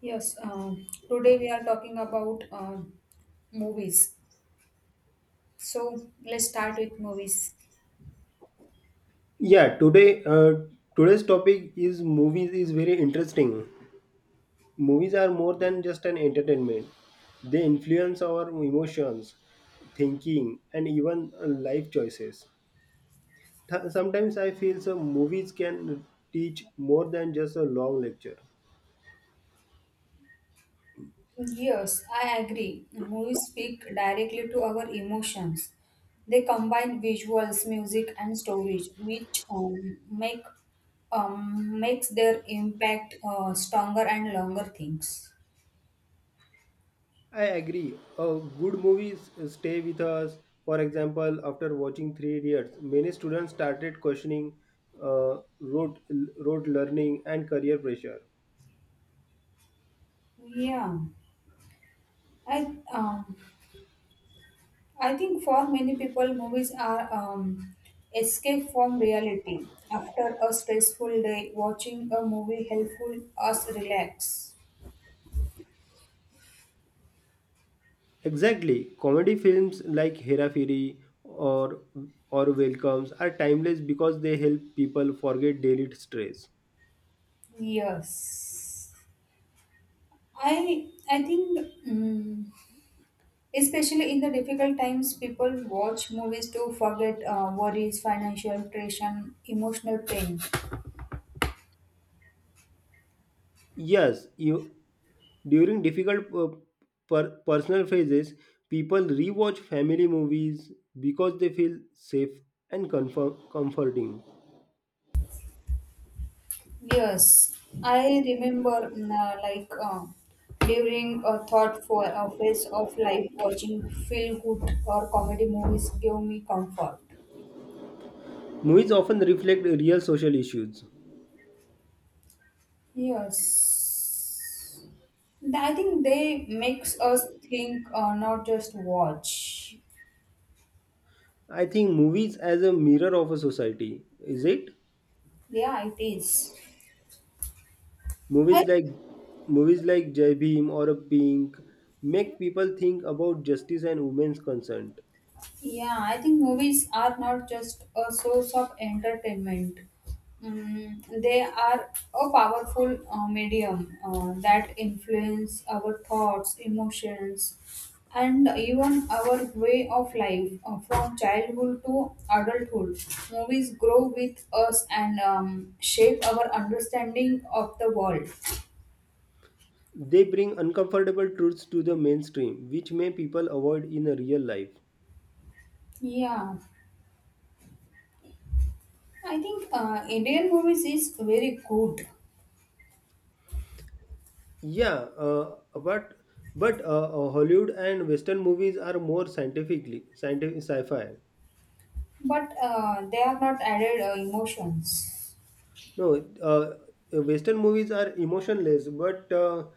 Yes, today we are talking about movies. So let's start with movies. Yeah, today's topic is movies is very interesting. Movies are more than just an entertainment. They influence our emotions, thinking, and even life choices. Sometimes I feel so movies can teach more than just a long lecture. Yes, I agree. Movies speak directly to our emotions. They combine visuals, music, and stories, which makes their impact stronger and longer things. I agree. Good movies stay with us. For example, after watching Three Idiots, many students started questioning uh, road road learning and career pressure. Yeah, I um, I think for many people, movies are escape from reality. After a stressful day, watching a movie helpful us relax. Exactly. Comedy films like Hera Firi or or Welcomes are timeless because they help people forget daily stress. Yes, I think mm especially in the difficult times, people watch movies to forget worries, financial tension, emotional pain. Yes, you during difficult personal phases, people rewatch family movies because they feel safe and comforting. Yes, I remember like during a thoughtful phase of life, watching feel good or comedy movies give me comfort. Movies often reflect real social issues. Yes, I think they makes us think, not just watch. I think movies as a mirror of a society, is it? Yeah, it is. Movies I like movies like Jai Bhim or a Pink make people think about justice and women's concern. Yeah, I think movies are not just a source of entertainment. They are a powerful medium that influence our thoughts, emotions, and even our way of life from childhood to adulthood. Movies grow with us and shape our understanding of the world. They bring uncomfortable truths to the mainstream, which may people avoid in a real life. Yeah, I think Indian movies is very good. Yeah, but Hollywood and Western movies are more scientific sci-fi. But they are not added emotions. No, uh, Western movies are emotionless, but uh,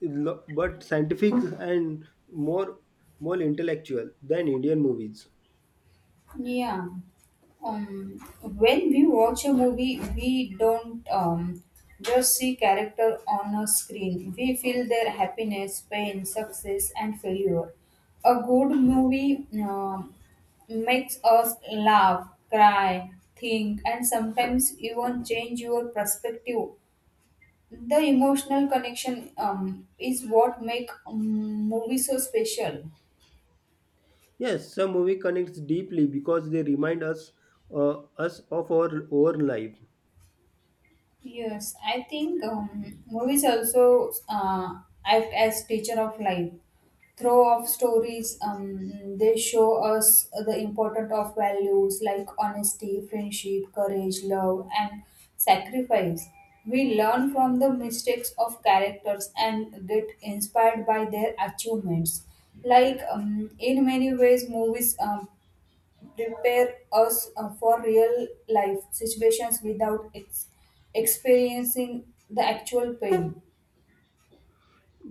lo- but scientific and more intellectual than Indian movies. Yeah. When we watch a movie, we don't just see character on a screen. We feel their happiness, pain, success, and failure. A good movie makes us laugh, cry, think, and sometimes even change your perspective. The emotional connection is what make movie so special. Yes, some movie connects deeply because they remind us of our own life. Yes, I think movies also act as teacher of life. Through of stories, they show us the importance of values like honesty, friendship, courage, love, and sacrifice. We learn from the mistakes of characters and get inspired by their achievements. Like in many ways, movies prepare us for real life situations without experiencing the actual pain.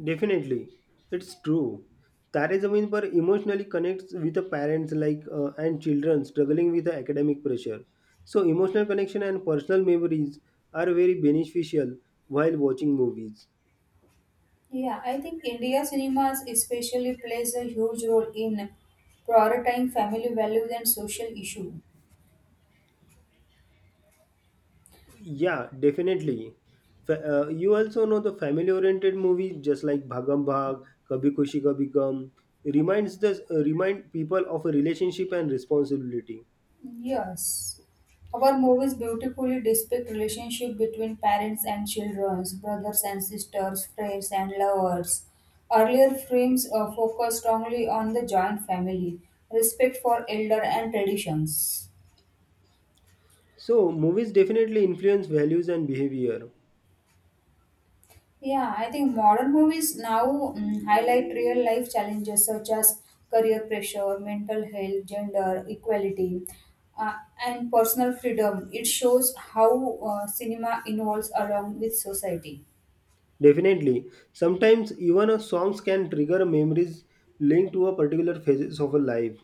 Definitely, it's true. Tare Zameen Par emotionally connects with the parents like and children struggling with the academic pressure. So emotional connection and personal memories are very beneficial while watching movies. Yeah, I think India cinemas especially plays a huge role in prioritizing family values and social issue. Yeah, definitely. You also know the family-oriented movies, just like Bhagam Bhag, Kabhi Kushi, Kabhi Gum, remind people of a relationship and responsibility. Yes. Our movies beautifully depict relationship between parents and children, brothers and sisters, friends and lovers. Earlier films focused strongly on the joint family, respect for elder and traditions. So movies definitely influence values and behavior. Yeah, I think modern movies now highlight real life challenges such as career pressure, mental health, gender equality, uh, and personal freedom. It shows how cinema evolves along with society. Definitely, sometimes even a songs can trigger memories linked to a particular phases of a life.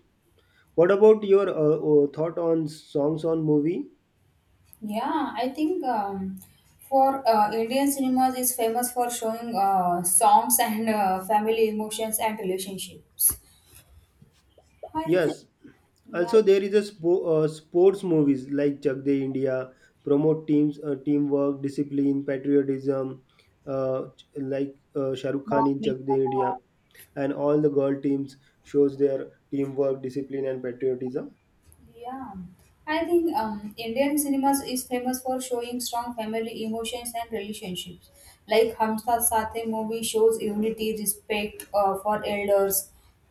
What about your thought on songs on movie? Yeah, I think for Indian cinemas is famous for showing songs and family emotions and relationships. I, Yes, yeah, also there is a sports movies like Chak De India promote teamwork, discipline, patriotism, like Shah Rukh Khan bond in Chak makeup. De India, and all the girl teams shows their teamwork, discipline, and patriotism. Yeah, I think Indian cinemas is famous for showing strong family emotions and relationships. Like Hum Saath Saath Hai movie shows unity, respect for elders,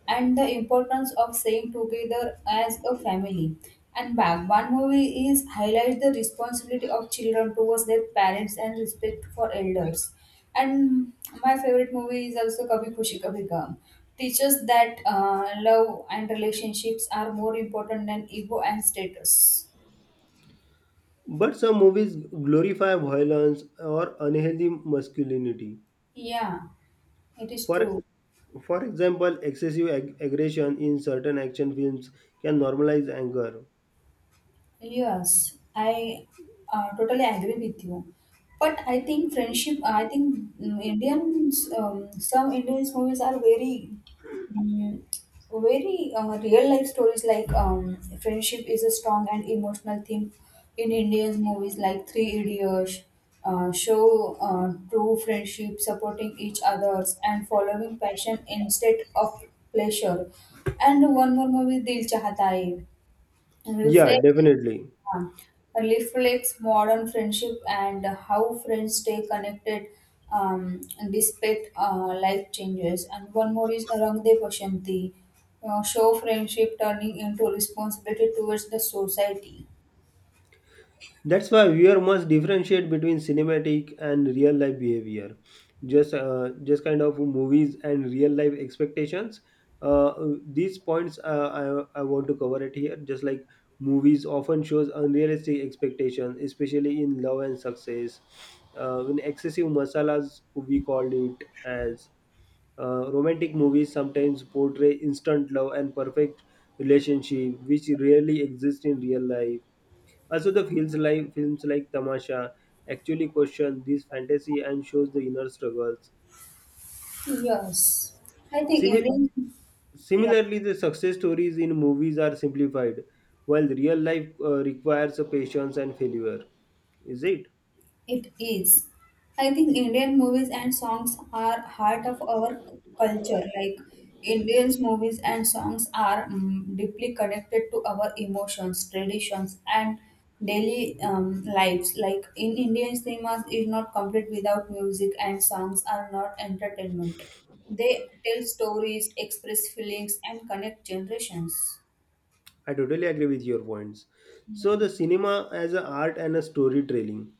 and the importance of staying together as a family. And Bhagwan movie is highlight the responsibility of children towards their parents and respect for elders. And my favorite movie is also Kabhi Khushi Kabhi Gum. Teaches that love and relationships are more important than ego and status. But some movies glorify violence or unhealthy masculinity. Yeah, it is For true. for example, excessive aggression in certain action films can normalize anger. Yes, I totally agree with you. But I think mm, Indians, some Indians movies are very, mm, very real life stories like friendship is a strong and emotional theme in Indians movies like Three Idiots, show true friendship, supporting each others and following passion instead of pleasure. And one more movie, Dil Chahta Hai, Yeah, reflect. definitely. Um, Reflects modern friendship and how friends stay connected um, despite life changes. And one more is Rangde Pashanti, show friendship turning into responsibility towards the society. That's why viewer must differentiate between cinematic and real life behavior. Just kind of movies and real life expectations. Uh, these points I want to cover it here. Just like movies often shows unrealistic expectations, especially in love and success. In excessive masalas, we called it as romantic movies sometimes portray instant love and perfect relationship, which rarely exist in real life. Also, the films like Tamasha actually question these fantasy and shows the inner struggles. Yes, I think Simi- Indian. Yeah. Similarly, the success stories in movies are simplified, while real life requires a patience and failure. Is it? It is. I think Indian movies and songs are heart of our culture. Like Indians movies and songs are deeply connected to our emotions, traditions, and daily lives. Like in Indian cinemas, is not complete without music, and songs are not entertainment. They tell stories, express feelings, and connect generations. I totally agree with your points. So, Yeah. the cinema as an art and a storytelling.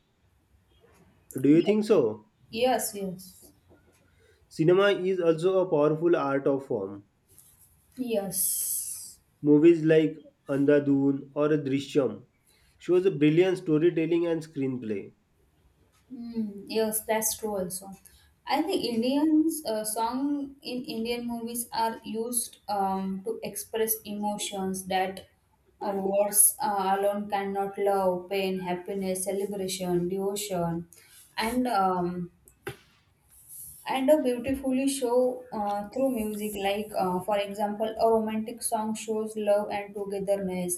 Do you Ye- think so? Yes. Yes. Cinema is also a powerful art of form. Yes. Movies like Andhadhun or Drishyam shows a brilliant storytelling and screenplay. Hmm, yes, that's true also. I think Indians song in Indian movies are used to express emotions that words alone cannot love, pain, happiness, celebration, devotion, and um, and a beautifully show through music, like for example, a romantic song shows love and togetherness,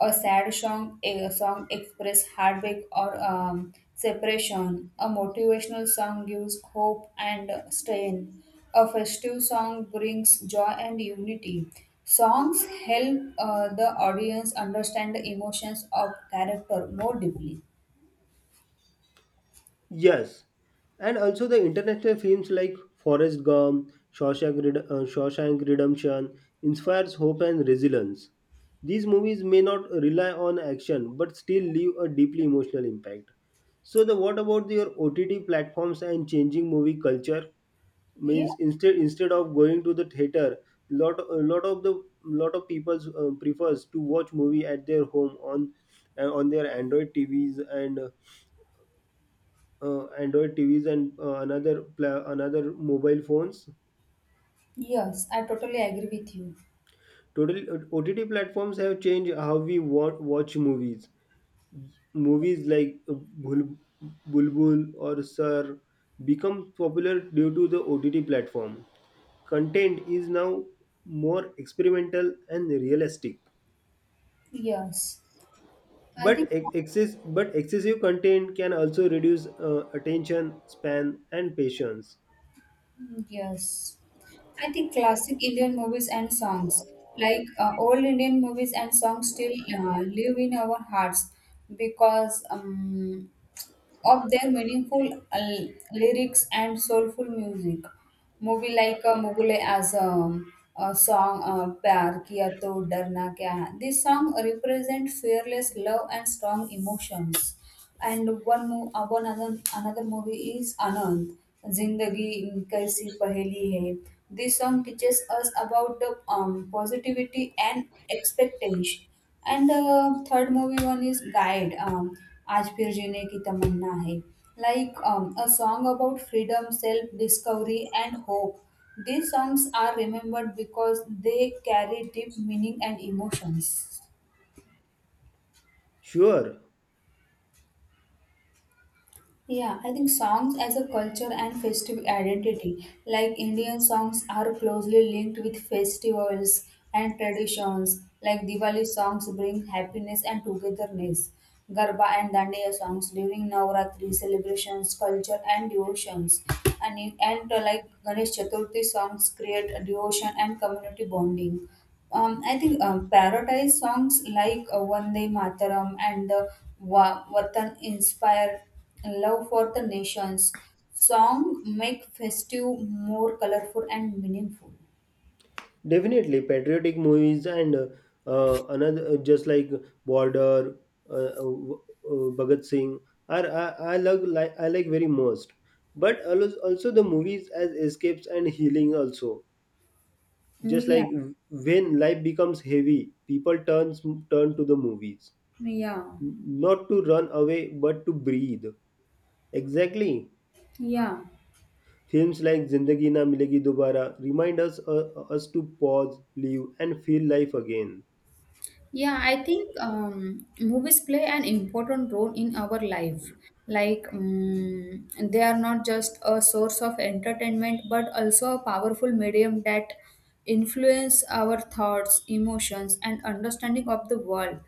a sad song, a song express heartbreak or separation, a motivational song gives hope and strength. A festive song brings joy and unity. Songs help the audience understand the emotions of character more deeply. Yes, and also the international films like Forrest Gump, Shawshank, Shawshank Redemption inspires hope and resilience. These movies may not rely on action but still leave a deeply emotional impact. So, the what about your OTT platforms and changing movie culture? Yeah, Means instead of going to the theater, lot a lot of the lot of people prefers to watch movie at their home on their Android TVs and another mobile phones. yes, I totally agree with you. Total OTT platforms have changed how we watch movies. Movies like Bulbul or Sir become popular due to the OTT platform. Content is now more experimental and realistic. Yes, I But think ex- excess, but excessive content can also reduce attention span and patience. Yes. I think classic Indian movies and songs, like old Indian movies and songs, still live in our hearts because of their meaningful lyrics and soulful music. Movie like Mughal e Azam, a song Pyar Kiya To Darna Kya Hai. This song represent fearless love and strong emotions. And one other, another movie is Anand, Zindagi Kaisi Paheli Hai. This song teaches us about the positivity and expectation, and the third movie one is Guide. आज फिर जीने की तमन्ना है. Like a song about freedom, self-discovery, and hope. These songs are remembered because they carry deep meaning and emotions. Sure. Yeah, I think songs as a culture and festive identity, like Indian songs, are closely linked with festivals and traditions. Like Diwali songs bring happiness and togetherness. Garba and Dandiya songs during Navratri celebrations, culture and devotions. And like Ganesh Chaturthi songs create a devotion and community bonding. I think parodize songs like Vande Mataram and the Vatan inspire love for the nations. Song make festive more colorful and meaningful. Definitely, patriotic movies and another just like Border, uh, Bhagat Singh are I like very most. But also the movies as escapes and healing also. Just Yeah, like when life becomes heavy, people turn to the movies, yeah, not to run away but to breathe. Exactly. yeah. Films like Zindagi Na Milegi Dobara remind us to pause, live, and feel life again. Yeah, I think movies play an important role in our life. Like, they are not just a source of entertainment, but also a powerful medium that influence our thoughts, emotions, and understanding of the world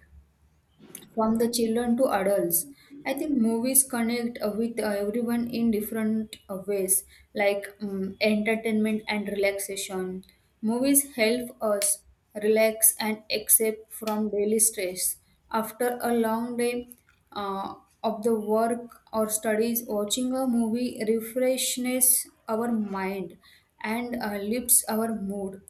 from the children to adults. I think movies connect with everyone in different ways, like entertainment and relaxation. Movies help us relax and escape from daily stress. After a long day uh, of the work or studies, watching a movie refreshes our mind and lifts our mood.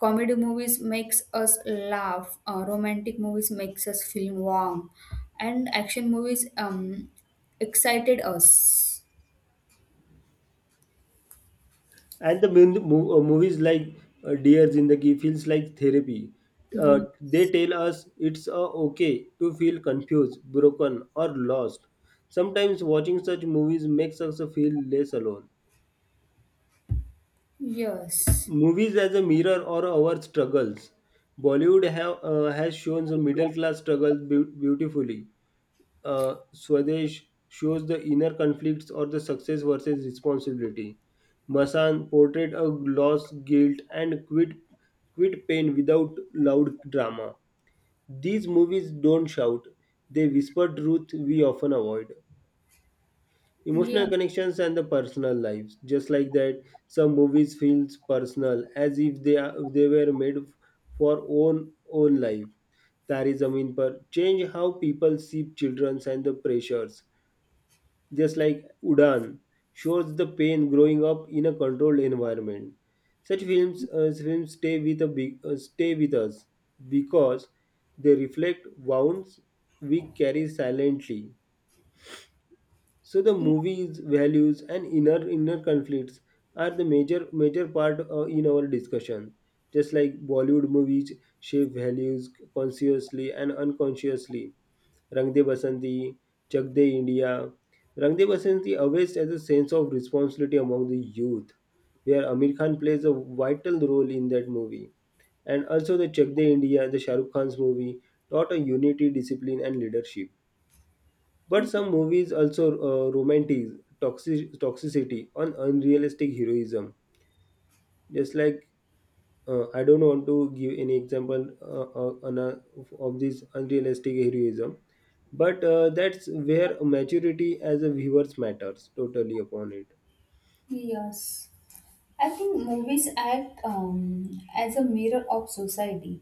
Comedy movies makes us laugh, romantic movies makes us feel warm, and action movies excited us. And the movies like Dear Zindagi feels like therapy. Mm. They tell us it's okay to feel confused, broken, or lost. Sometimes watching such movies makes us feel less alone. Yes, Movies as a mirror or our struggles. Has shown the middle class struggles beautifully. Uh, Swadesh shows the inner conflicts or the success versus responsibility. Masan portrayed a loss, guilt, and quit pain without loud drama. These movies don't shout, they whisper truth we often avoid. Emotional yeah. connections and the personal lives. Just like that, some movies feels personal as if they were made for own life. Tari Zameen Par change how people see children and the pressures just like Udan, shows the pain growing up in a controlled environment. Such films, stay with us because they reflect wounds we carry silently. So the movies, values, and inner conflicts are the major part in our discussion. Just like Bollywood movies shape values consciously and unconsciously, Rang De Basanti, Chak De India. Rang De Basanti awakes as a sense of responsibility among the youth, where Amir Khan plays a vital role in that movie. And also the Chak De India, the Shah Rukh Khan's movie, taught a unity, discipline, and leadership. But some movies also romantic toxicity on unrealistic heroism, just like I don't want to give any example of this unrealistic heroism, but that's where maturity as a viewers matters totally upon it. Yes. I think movies act as a mirror of society.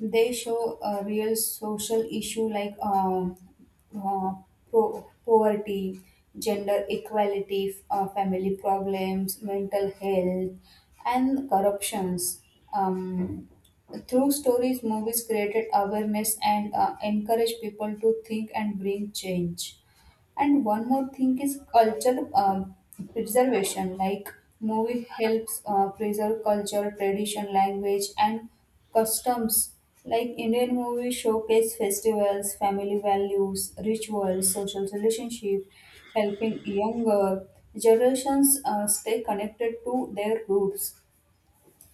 They show a real social issue, like uh, poverty, gender equality, family problems, mental health, and corruptions. Um, Through stories, movies created awareness and encourage people to think and bring change. And one more thing is culture preservation. Like movie helps preserve culture, tradition, language, and customs. Like Indian movies showcase festivals, family values, rituals, social relationship, helping younger generations stay connected to their roots.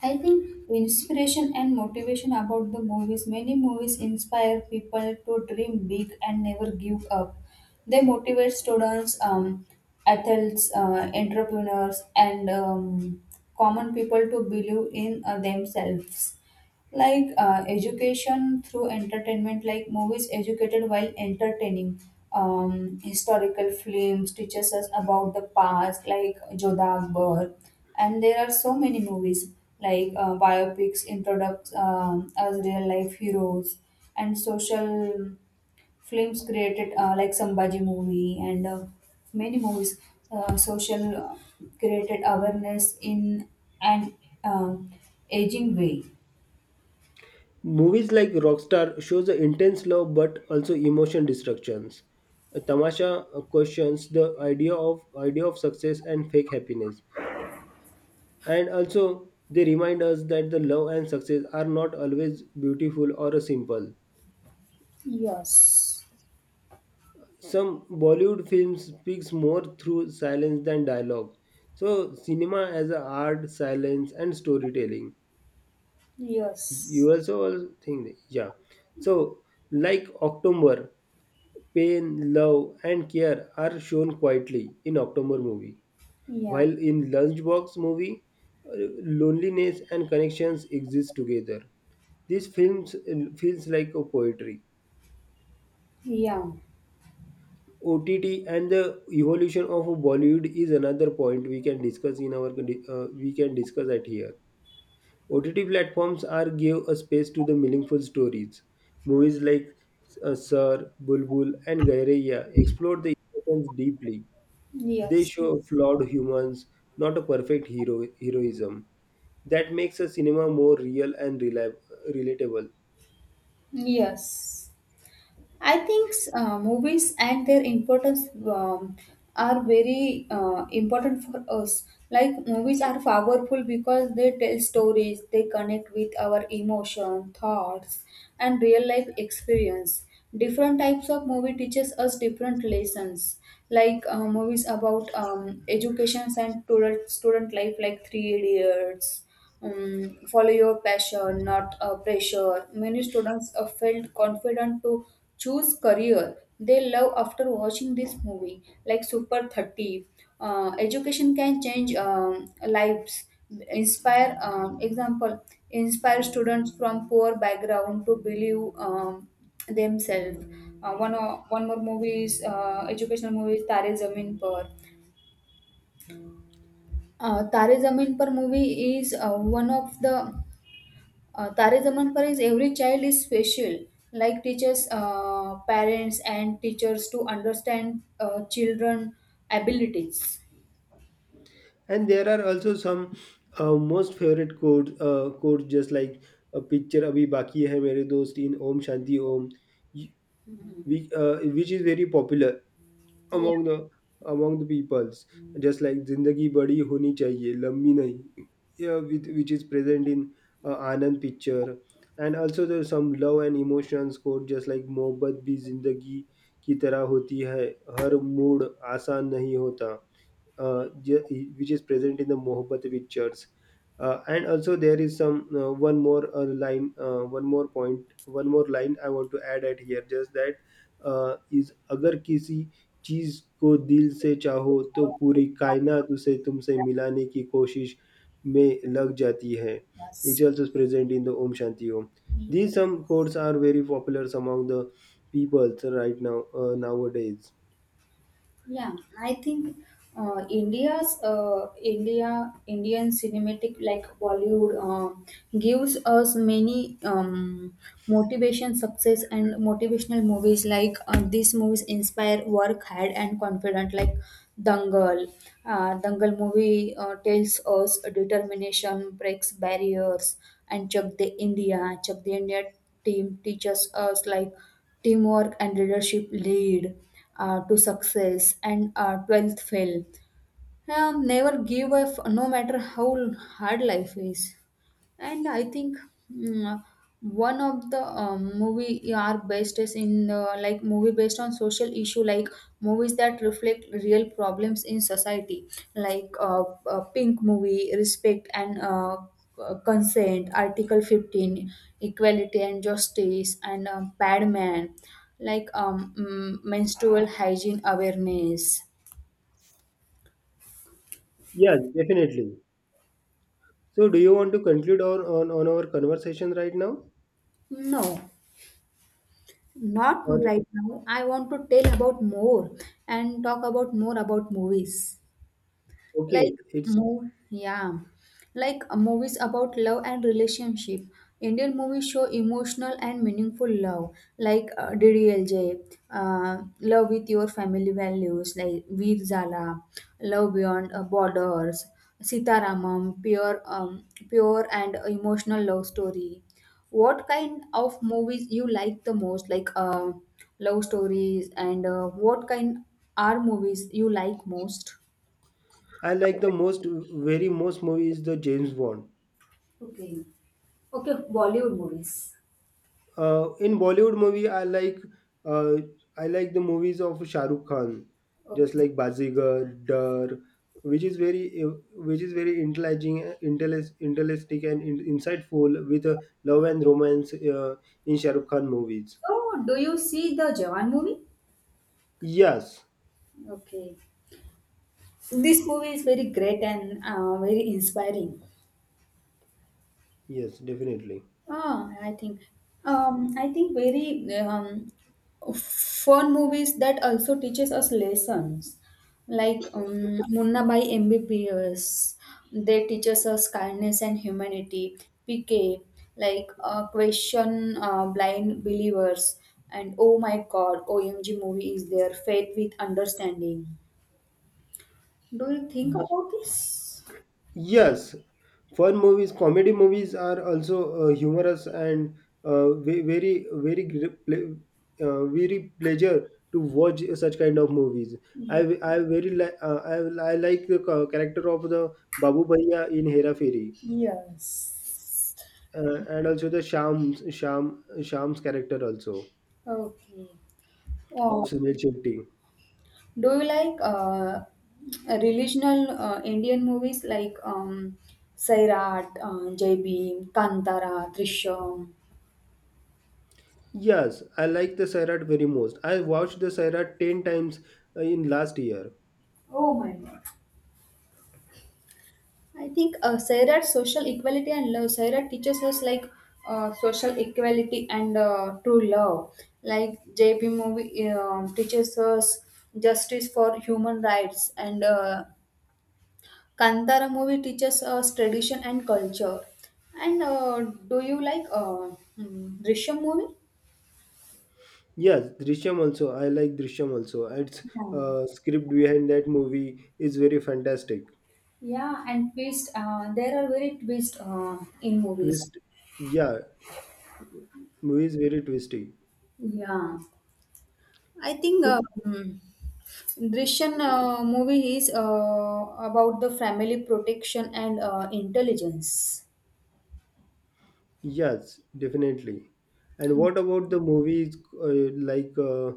I think inspiration and motivation about the movies. Many movies inspire people to dream big and never give up. They motivate students, athletes, entrepreneurs, and common people to believe in themselves, like education through entertainment. Like movies educated while entertaining, historical films teaches us about the past, like Jodha Akbar, and there are so many movies like biopics introduce us real life heroes, and social films created, like Sambhaji movie, and many movies social created awareness in an uh, aging way. Movies like Rockstar shows the intense love but also emotion destructions. Tamasha questions the idea of success and fake happiness, and also they remind us that the love and success are not always beautiful or simple. Yes. Some Bollywood films speaks more through silence than dialogue. So cinema as a art, silence, and storytelling. You Yes. also all think, yeah. So like October, pain, love, and care are shown quietly in October movie, Yeah. while in Lunchbox movie, loneliness and connections exist together. These films feels like a poetry. Yeah. OTT and the evolution of Bollywood is another point we can discuss at here. OTT platforms are give a space to the meaningful stories. Movies like Sir, Bulbul, and Gairaiya explore the emotions deeply. They Yes. show flawed humans, not a perfect heroism. That makes a cinema more real and relatable. Yes. I think movies and their importance are very important for us. Like movies are powerful because they tell stories, they connect with our emotion, thoughts, and real life experience. Different types of movie teaches us different lessons. Like movies about educations and student life, like Three Idiots, follow your passion, not pressure. Many students felt confident to choose career they love after watching this movie, like Super 30. Education can change lives, inspire, example, inspire students from poor background to believe themselves. One more movie is, educational movie is Tare Zameen Par. Tare Zameen Par movie is one of the Tare Zaman Par is every child is special, like teachers, parents, and teachers to understand children abilities. And there are also some most favorite quotes just like a picture abhi baki hai mere dost in om shanti om which is very popular Yeah. among the among the peoples, just like zindagi badi honi chahiye lambi nahi, yeah, which is present in anand picture, and also there's some love and emotions quote just like मोहब्बत भी जिंदगी की तरह होती है हर mood आसान नहीं होता, uh, ju- which is present in the Mohabbat pictures. And also there is some one more line I want to add at here, just that is अगर किसी चीज को दिल से चाहो तो पूरी कायनात उसे तुमसे मिलाने की कोशिश में लग जाती है. Which also is present in the Om Shanti Om. Yeah. These some quotes are very popular among the people right now, nowadays. Yeah, I think India's India Indian cinematic like Bollywood gives us many motivation, success, and motivational movies. Like these movies inspire work hard and confident. Like Dangal, Dangal movie tells us determination breaks barriers, and Chak De India team teaches us like teamwork and leadership lead to success, and 12th fail. Never give up no matter how hard life is. And I think mm, one of the movie are based is in like movie based on social issue, like movies that reflect real problems in society, like pink movie respect and consent, article 15 equality and justice, and bad man, like menstrual hygiene awareness. Yes, definitely. So do you want to conclude on our conversation right now? No. Not Or right now. I want to tell about more and talk about more about movies, okay, like it's move yeah, like movies about love and relationship. Indian movies show emotional and meaningful love, like DDLJ, love with your family values, like Veer Zala, love beyond borders, Sitaramam, pure and emotional love story. What kind of movies you like the most, like love stories, and what kind are movies you like most? I like the most very most movie is the James Bond. Okay. Okay, Bollywood movies. In Bollywood movie, uh, I like the movies of Shah Rukh Khan, just Okay. like Bazigar, Dar, which is very intelligent, intellistic and insightful with love and romance in Shah Rukh Khan movies. So, do you see the Jawan movie? Yes, Okay. This movie is very great and very inspiring. yes, definitely. Ah, I think very fun movies that also teaches us lessons, like Munna by MBPS. They teaches us kindness and humanity. PK, like Question Blind Believers, and Oh My God, OMG movie is there. Faith with Understanding. Do you think about this? Yes, fun movies, comedy movies are also humorous and uh, ve- very, very, gr- ple- very pleasure to watch such kind of movies. I, Ye- v- I very like, I like the character of the Babu Bhaiya in Hera Fairy, Yes. And also the Sham's character also Okay. of Oh. Sunil Shetty. Do you like relational Indian movies like Sairat, Jai Bhim, Kantara, Drishyam? Yes, I like the Sairat very most. I watched the Sairat 10 times in last year. Oh my god. I think Sairat social equality and love. Sairat teaches us like social equality and true love. Like JP movie teaches us justice for human rights, and Kantara movie teaches us tradition and culture. And do you like Drishyam movie? Yes, Drishyam also. I like Drishyam also. Its Yeah. Script behind that movie is very fantastic. Yeah, and twist. There are very twist in movies. Twist, yeah, movie is very twisty. Yeah, I think To Drishyam movie is about the family protection and intelligence. Yes, definitely. And what about the movies uh, like uh,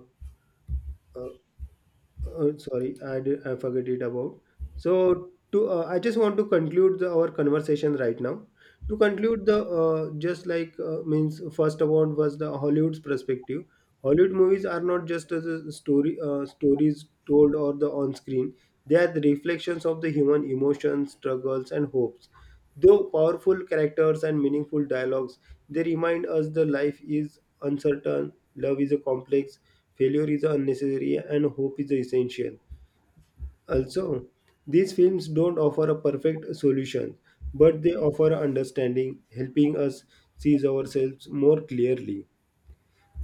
Uh, Sorry, I forget it about. So to I just want to conclude our conversation right now. To conclude, the just like means first of all was the Hollywood's perspective. Hollywood movies are not just as a story stories told or the on screen. They are the reflections of the human emotions, struggles, and hopes. Though powerful characters and meaningful dialogues, they remind us that life is uncertain, love is a complex, failure is unnecessary, and hope is essential. Also, these films don't offer a perfect solution, but they offer understanding, helping us see ourselves more clearly.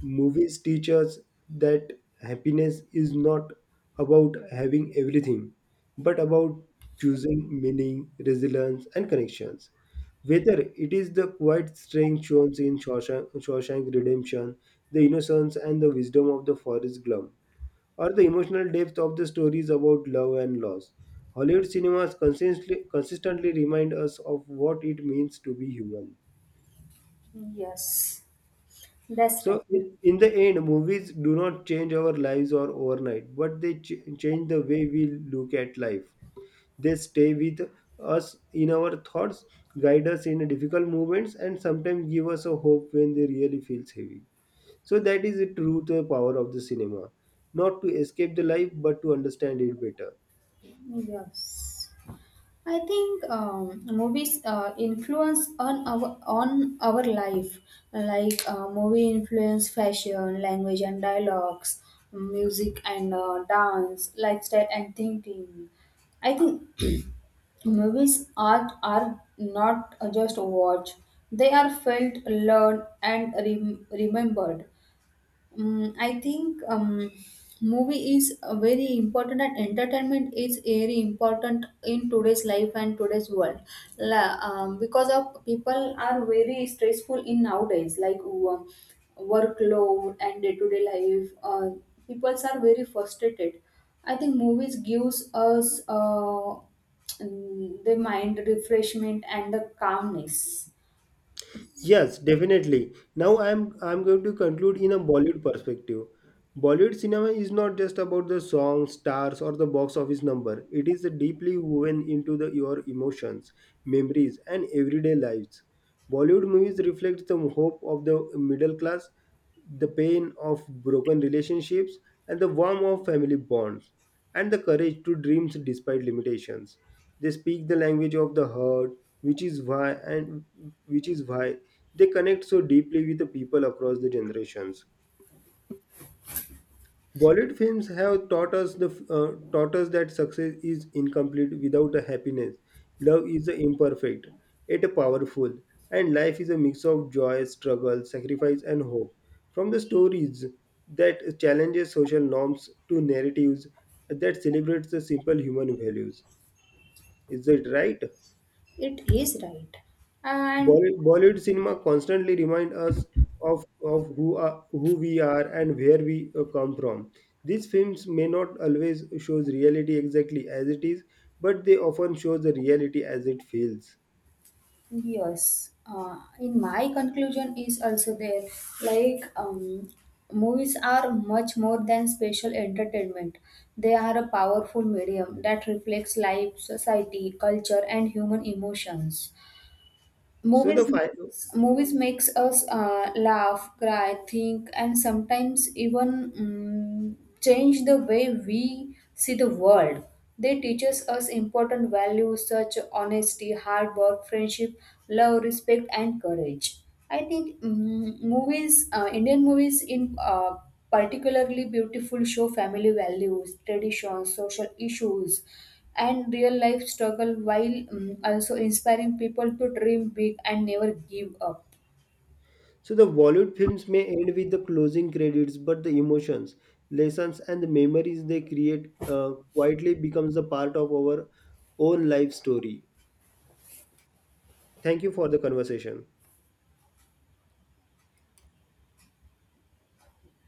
Movies teach us that happiness is not about having everything, but about choosing meaning, resilience, and connections. Whether it is the quiet strength shown in Shawshank, Shawshank Redemption, the innocence and the wisdom of the forest Gump, or the emotional depth of the stories about love and loss, Hollywood cinemas consistently remind us of what it means to be human. Yes, that's right. So in the end, movies do not change our lives or overnight, but they change the way we look at life. They stay with us in our thoughts, guide us in difficult moments, and sometimes give us a hope when they really feels heavy. So that is the true the power of the cinema, not to escape the life, but to understand it better. Oh, yes. I think movies influence on our life. Like movie influence fashion, language and dialogues, music and dance, lifestyle and thinking. I think movies are not just watched; they are felt, learned, and remembered. I think movie is very important, and entertainment is very important in today's life and today's world. Because of people are very stressful in nowadays, like workload and day-to-day life. People are very frustrated. I think movies gives us the mind refreshment and the calmness. Yes, definitely. Now I'm going to conclude in a Bollywood perspective. Bollywood cinema is not just about the songs, stars, or the box office number. It is deeply woven into your emotions, memories, and everyday lives. Bollywood movies reflect the hope of the middle class, the pain of broken relationships, and the warmth of family bonds, and the courage to dreams despite limitations. They speak the language of the heart, which is why and which is why they connect so deeply with the people across the generations. Bollywood films have taught us that success is incomplete without a happiness. Love is a imperfect, yet a powerful, and life is a mix of joy, struggle, sacrifice, and hope. From the stories that challenges social norms to narratives that celebrates the simple human values. Is it right? It is right, and Bollywood cinema constantly remind us of who we are and where we come from. These films may not always shows reality exactly as it is, but they often show the reality as it feels. yes, in my conclusion is also there. Like, movies are much more than special entertainment. They are a powerful medium that reflects life, society, culture, and human emotions. So the Movies fi- makes, movies makes us laugh, cry, think, and sometimes even change the way we see the world. They teaches us important values such honesty, hard work, friendship, love, respect, and courage. I think Indian movies in particularly beautiful show family values, traditions, social issues and real life struggle while also inspiring people to dream big and never give up. so the Bollywood films may end with the closing credits, but the emotions, lessons, and the memories they create quietly becomes a part of our own life story. Thank you for the conversation.